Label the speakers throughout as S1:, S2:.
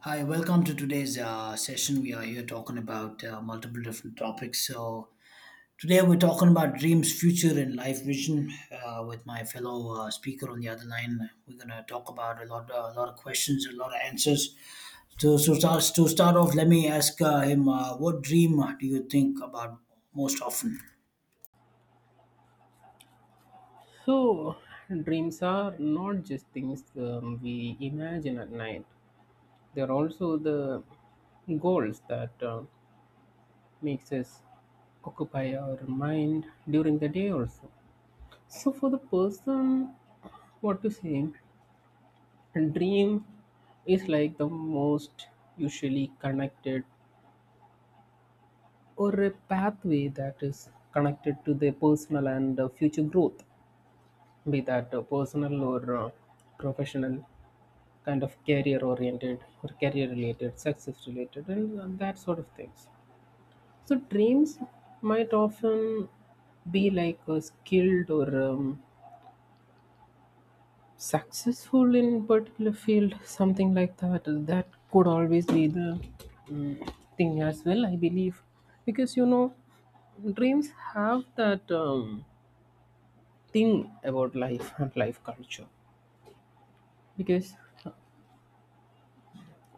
S1: Hi, welcome to today's session. We are here talking about multiple different topics. So, today we're talking about dreams, future, and life vision with my fellow speaker on the other line. We're going to talk about a lot, a lot of questions, a lot of answers. So, to start off, let me ask him what dream do you think about most often?
S2: So, dreams are not just things we imagine at night. They're also the goals that makes us occupy our mind during the day also. So, for the person, what to say, dream is like the most usually connected or a pathway that is connected to their personal and future growth, be that personal or professional kind of career oriented or career related, success related, and that sort of things. So, dreams might often be like a skilled or successful in particular field, something like that. That could always be the um, thing as well, I believe, because you know, dreams have that thing about life and life culture because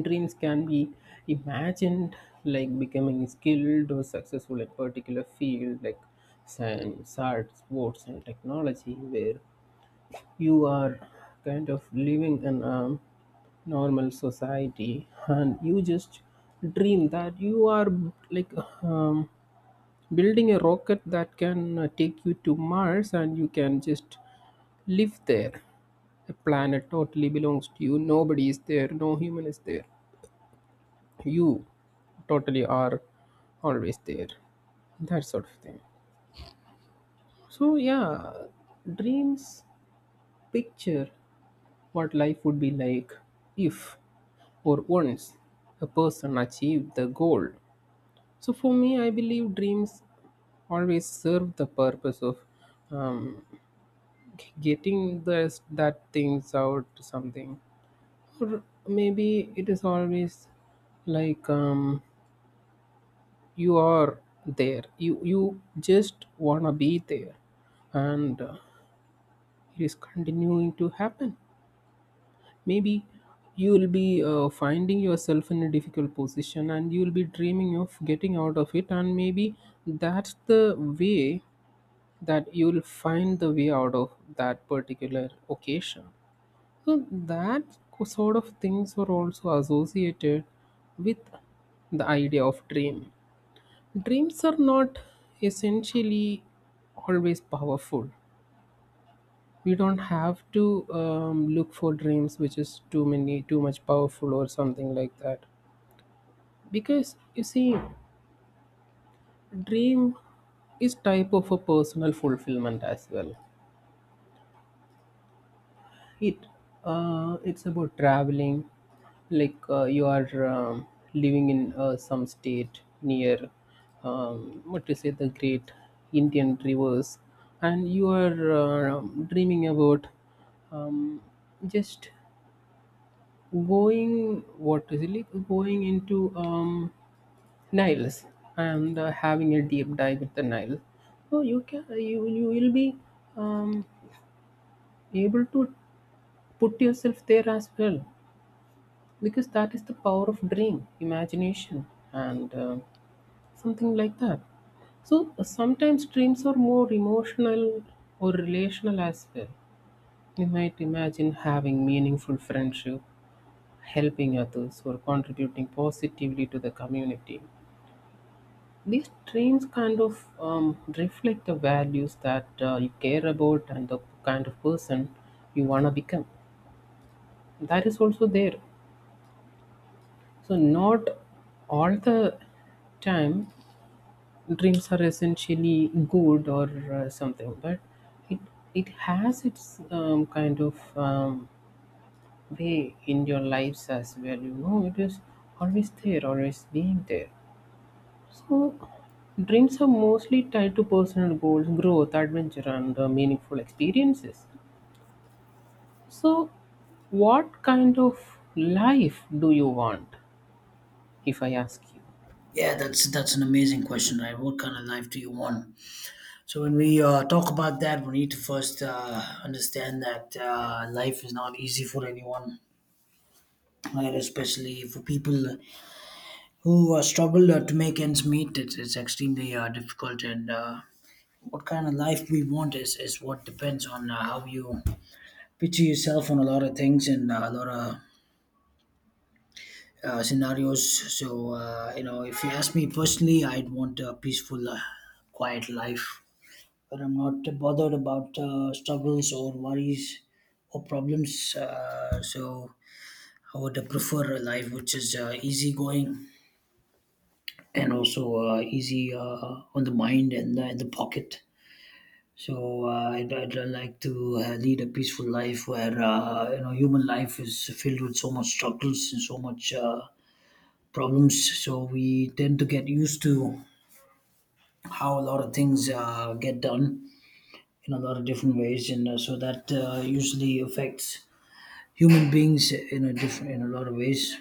S2: dreams can be imagined like becoming skilled or successful in particular field like science, art, sports, and technology, where you are kind of living in a normal society and you just dream that you are like um, building a rocket that can take you to Mars and you can just live there. The planet totally belongs to you. Nobody is there. No human is there, you totally are always there, that sort of thing. So, yeah, dreams picture what life would be like if or once a person achieved the goal. So for me, I believe dreams always serve the purpose of um, getting this, that things out to something, or maybe it is always like you are there, you just wanna be there, and it is continuing to happen. Maybe you will be finding yourself in a difficult position and you will be dreaming of getting out of it, and maybe that's the way that you will find the way out of that particular occasion. So that sort of things are also associated with the idea of dream. Dreams are not essentially always powerful. We don't have to look for dreams which is too many too much powerful or something like that, because you see, dream is type of a personal fulfillment as well. It it's about traveling, like you are living in some state near what to say the great Indian rivers, and you are dreaming about um, just going, what is it like going into Niles and having a deep dive with the Nile. So you can, you will be um, able to put yourself there as well, because that is the power of dream imagination and something like that. So sometimes dreams are more emotional or relational as well. You might imagine having meaningful friendship, helping others, or contributing positively to the community. These dreams kind of reflect the values that you care about and the kind of person you want to become. That is also there. So not all the time dreams are essentially good or something, but it it has its kind of way in your lives as well, you know. It is always there, always being there. So dreams are mostly tied to personal goals, growth, adventure, and meaningful experiences. So what kind of life do you want, if I ask you?
S1: Yeah, that's an amazing question, right? What kind of life do you want? So when we talk about that, we need to first understand that life is not easy for anyone, right? Especially for people who struggle to make ends meet. It's extremely difficult, and what kind of life we want is what depends on how you picture yourself on a lot of things and a lot of scenarios. So you know, if you ask me personally, I'd want a peaceful, quiet life where I'm not bothered about struggles or worries or problems. So I would prefer a life which is easygoing and also easy on the mind and in the pocket. So I'd like to lead a peaceful life where you know, human life is filled with so much struggles and so much problems. So we tend to get used to how a lot of things get done in a lot of different ways, and so that usually affects human beings in a different in a lot of ways,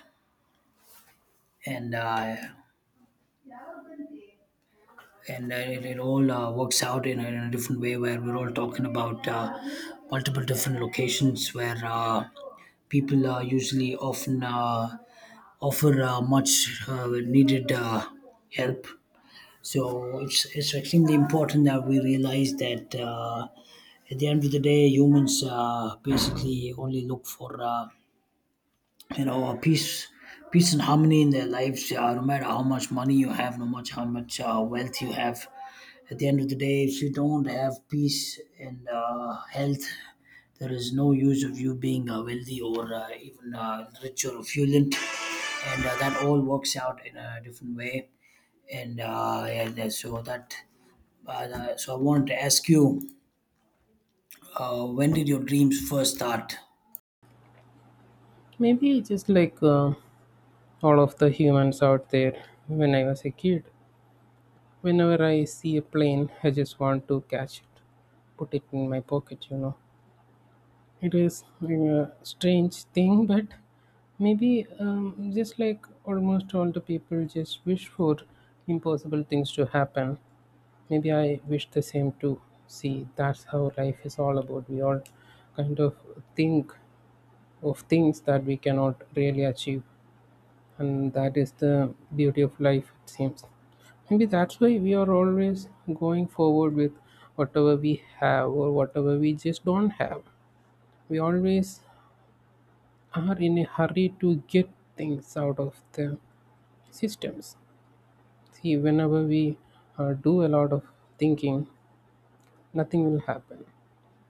S1: and uh, and it all works out in a different way where we're all talking about multiple different locations where people usually often offer much needed help. So it's extremely important that we realize that. At the end of the day, humans basically only look for you know, a peace and harmony in their lives no matter how much money you have, no much how much wealth you have. At the end of the day, if you don't have peace and health, there is no use of you being wealthy or even rich or affluent, and that all works out in a different way. And uh, yeah, that- so that uh, so I wanted to ask you, when did your dreams first start?
S2: Maybe just like all of the humans out there, when I was a kid, whenever I see a plane, I just want to catch it, put it in my pocket, you know. It is like a strange thing, but maybe just like almost all the people just wish for impossible things to happen. Maybe I wish the same too. See, that's how life is all about. We all kind of think of things that we cannot really achieve, and that is the beauty of life, it seems. Maybe that's why we are always going forward with whatever we have or whatever we just don't have. We always are in a hurry to get things out of the systems. See, whenever we do a lot of thinking, nothing will happen,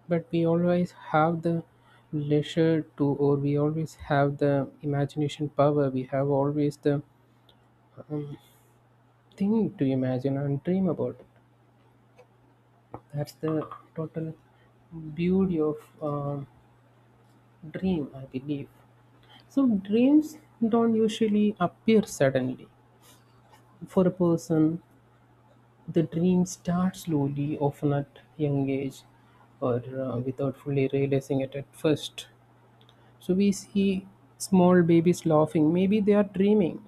S2: but we always have the leisure to, or we always have the imagination power, we have always the um, thing to imagine and dream about. That's the total beauty of dream, I believe. So dreams don't usually appear suddenly. For a person, the dream starts slowly, often at young age, or without fully realizing it at first. So we see small babies laughing. Maybe they are dreaming.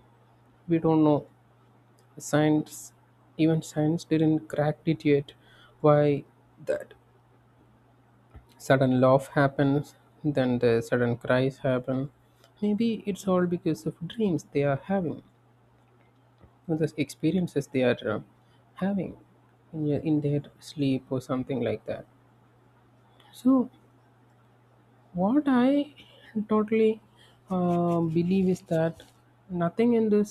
S2: We don't know. Science, even science, didn't crack it yet. Why that sudden laugh happens, then the sudden cries happen? Maybe it's all because of dreams they are having or the experiences they are having in their sleep or something like that. So what I totally believe is that nothing in this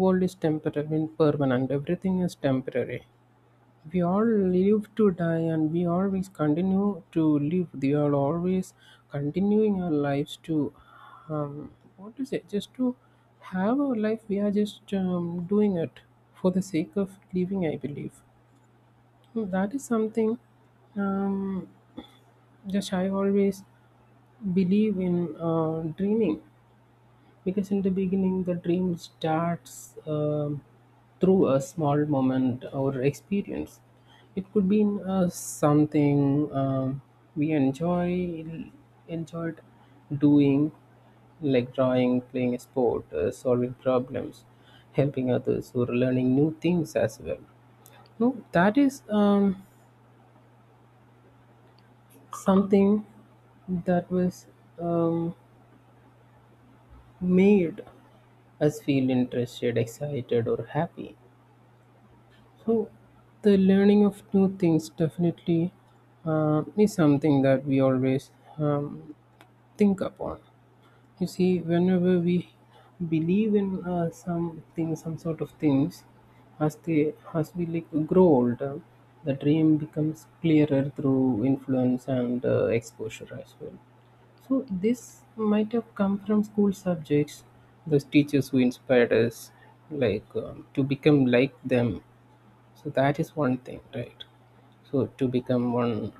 S2: world is temporary, I mean permanent, everything is temporary. We all live to die and we always continue to live. We are always continuing our lives to, um, what to say, just to have our life. We are just doing it for the sake of living, I believe. Hmm. That is something, um, just I always believe in dreaming. Because in the beginning, the dream starts through a small moment or experience. It could be in, something we enjoyed doing, like drawing, playing a sport, solving problems, helping others, or learning new things as well. No, that is something that was um, made us feel interested, excited, or happy. So, the learning of new things definitely is something that we always um, think upon. You see, whenever we believe in some things, some sort of things, as we like grow older, the dream becomes clearer through influence and exposure as well. So this might have come from school subjects, those teachers who inspired us, like to become like them. So that is one thing, right? So to become one,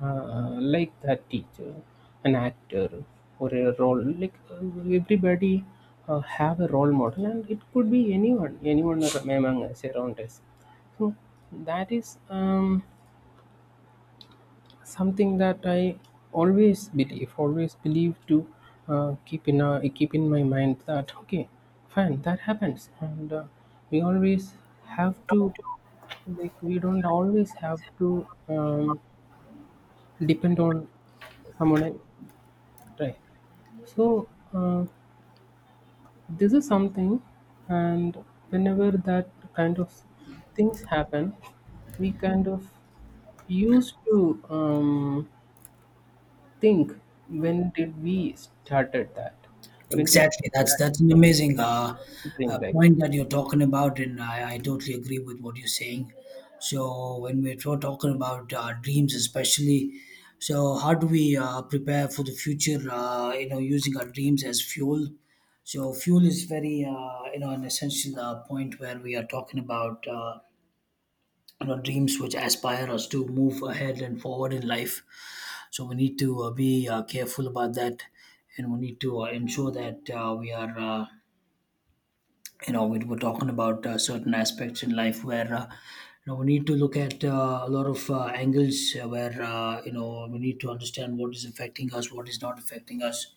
S2: like that teacher, an actor, or a role, like everybody have a role model, and it could be anyone, among us, around us. So that is something that I always believe to keep in my mind that, okay, fine, that happens. And we always have to, like, we don't always have to depend on someone else, right? So uh, this is something. And whenever that kind of things happen, we kind of used to think, when did we started that, when did
S1: Exactly. That's
S2: that
S1: that's an amazing
S2: dream like that?
S1: point that you're talking about, and I totally agree with what you're saying. So when we're talking about dreams, especially, so how do we prepare for the future you know, using our dreams as fuel? So fuel is very you know, an essential point where we are talking about. You know, dreams which aspire us to move ahead and forward in life. So we need to be careful about that, and we need to ensure that we are, you know, we're talking about certain aspects in life where. You know, we need to look at a lot of angles where you know, we need to understand what is affecting us, what is not affecting us,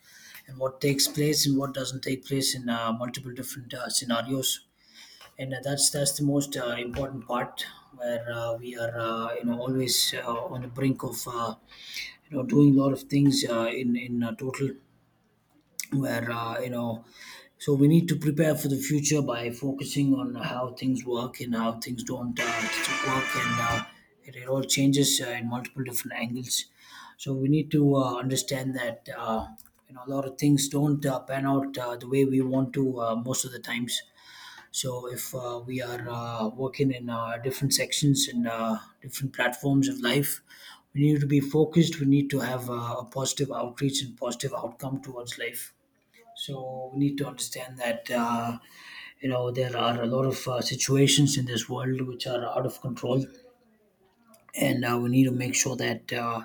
S1: and what takes place and what doesn't take place in multiple different scenarios, and that's the most important part where we are you know, always on the brink of you know, doing a lot of things in total where you know, so we need to prepare for the future by focusing on how things work and how things don't work, and it all changes in multiple different angles. So we need to understand that you know, a lot of things don't pan out the way we want to most of the times. So if we are working in different sections and different platforms of life, we need to be focused. We need to have a positive outreach and positive outcome towards life. So we need to understand that you know, there are a lot of situations in this world which are out of control, and we need to make sure that.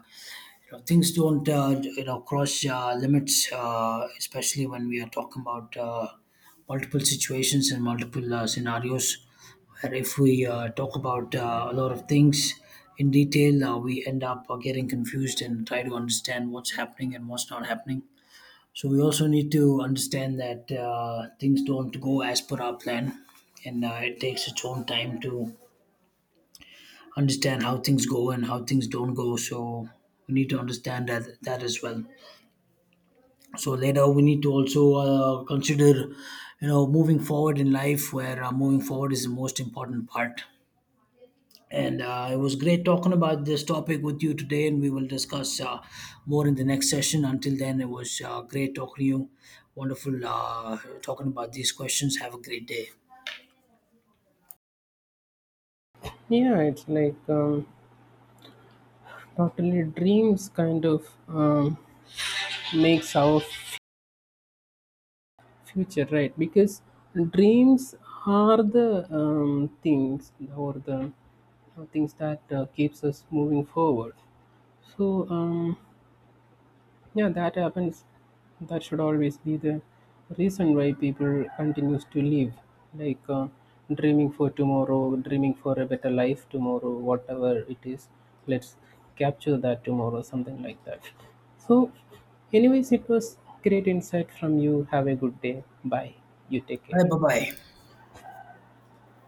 S1: You know, things don't you know, cross limits, especially when we are talking about multiple situations and multiple scenarios. Where if we talk about a lot of things in detail, we end up getting confused and try to understand what's happening and what's not happening. So we also need to understand that things don't go as per our plan, and it takes its own time to understand how things go and how things don't go. So we need to understand that as well. So later we need to also consider, you know, moving forward in life, where moving forward is the most important part, and it was great talking about this topic with you today, and we will discuss more in the next session. Until then, it was great talking to you. Wonderful talking about these questions. Have a great day.
S2: Yeah, it's like totally dreams kind of makes our future, right? Because dreams are the things, or the things that keeps us moving forward. So. Yeah, that happens. That should always be the reason why people continues to live, like dreaming for tomorrow, dreaming for a better life tomorrow, whatever it is. Let's capture that tomorrow, something like that. So, anyways, it was great insight from you. Have a good day. Bye. You take
S1: Bye
S2: care.
S1: bye.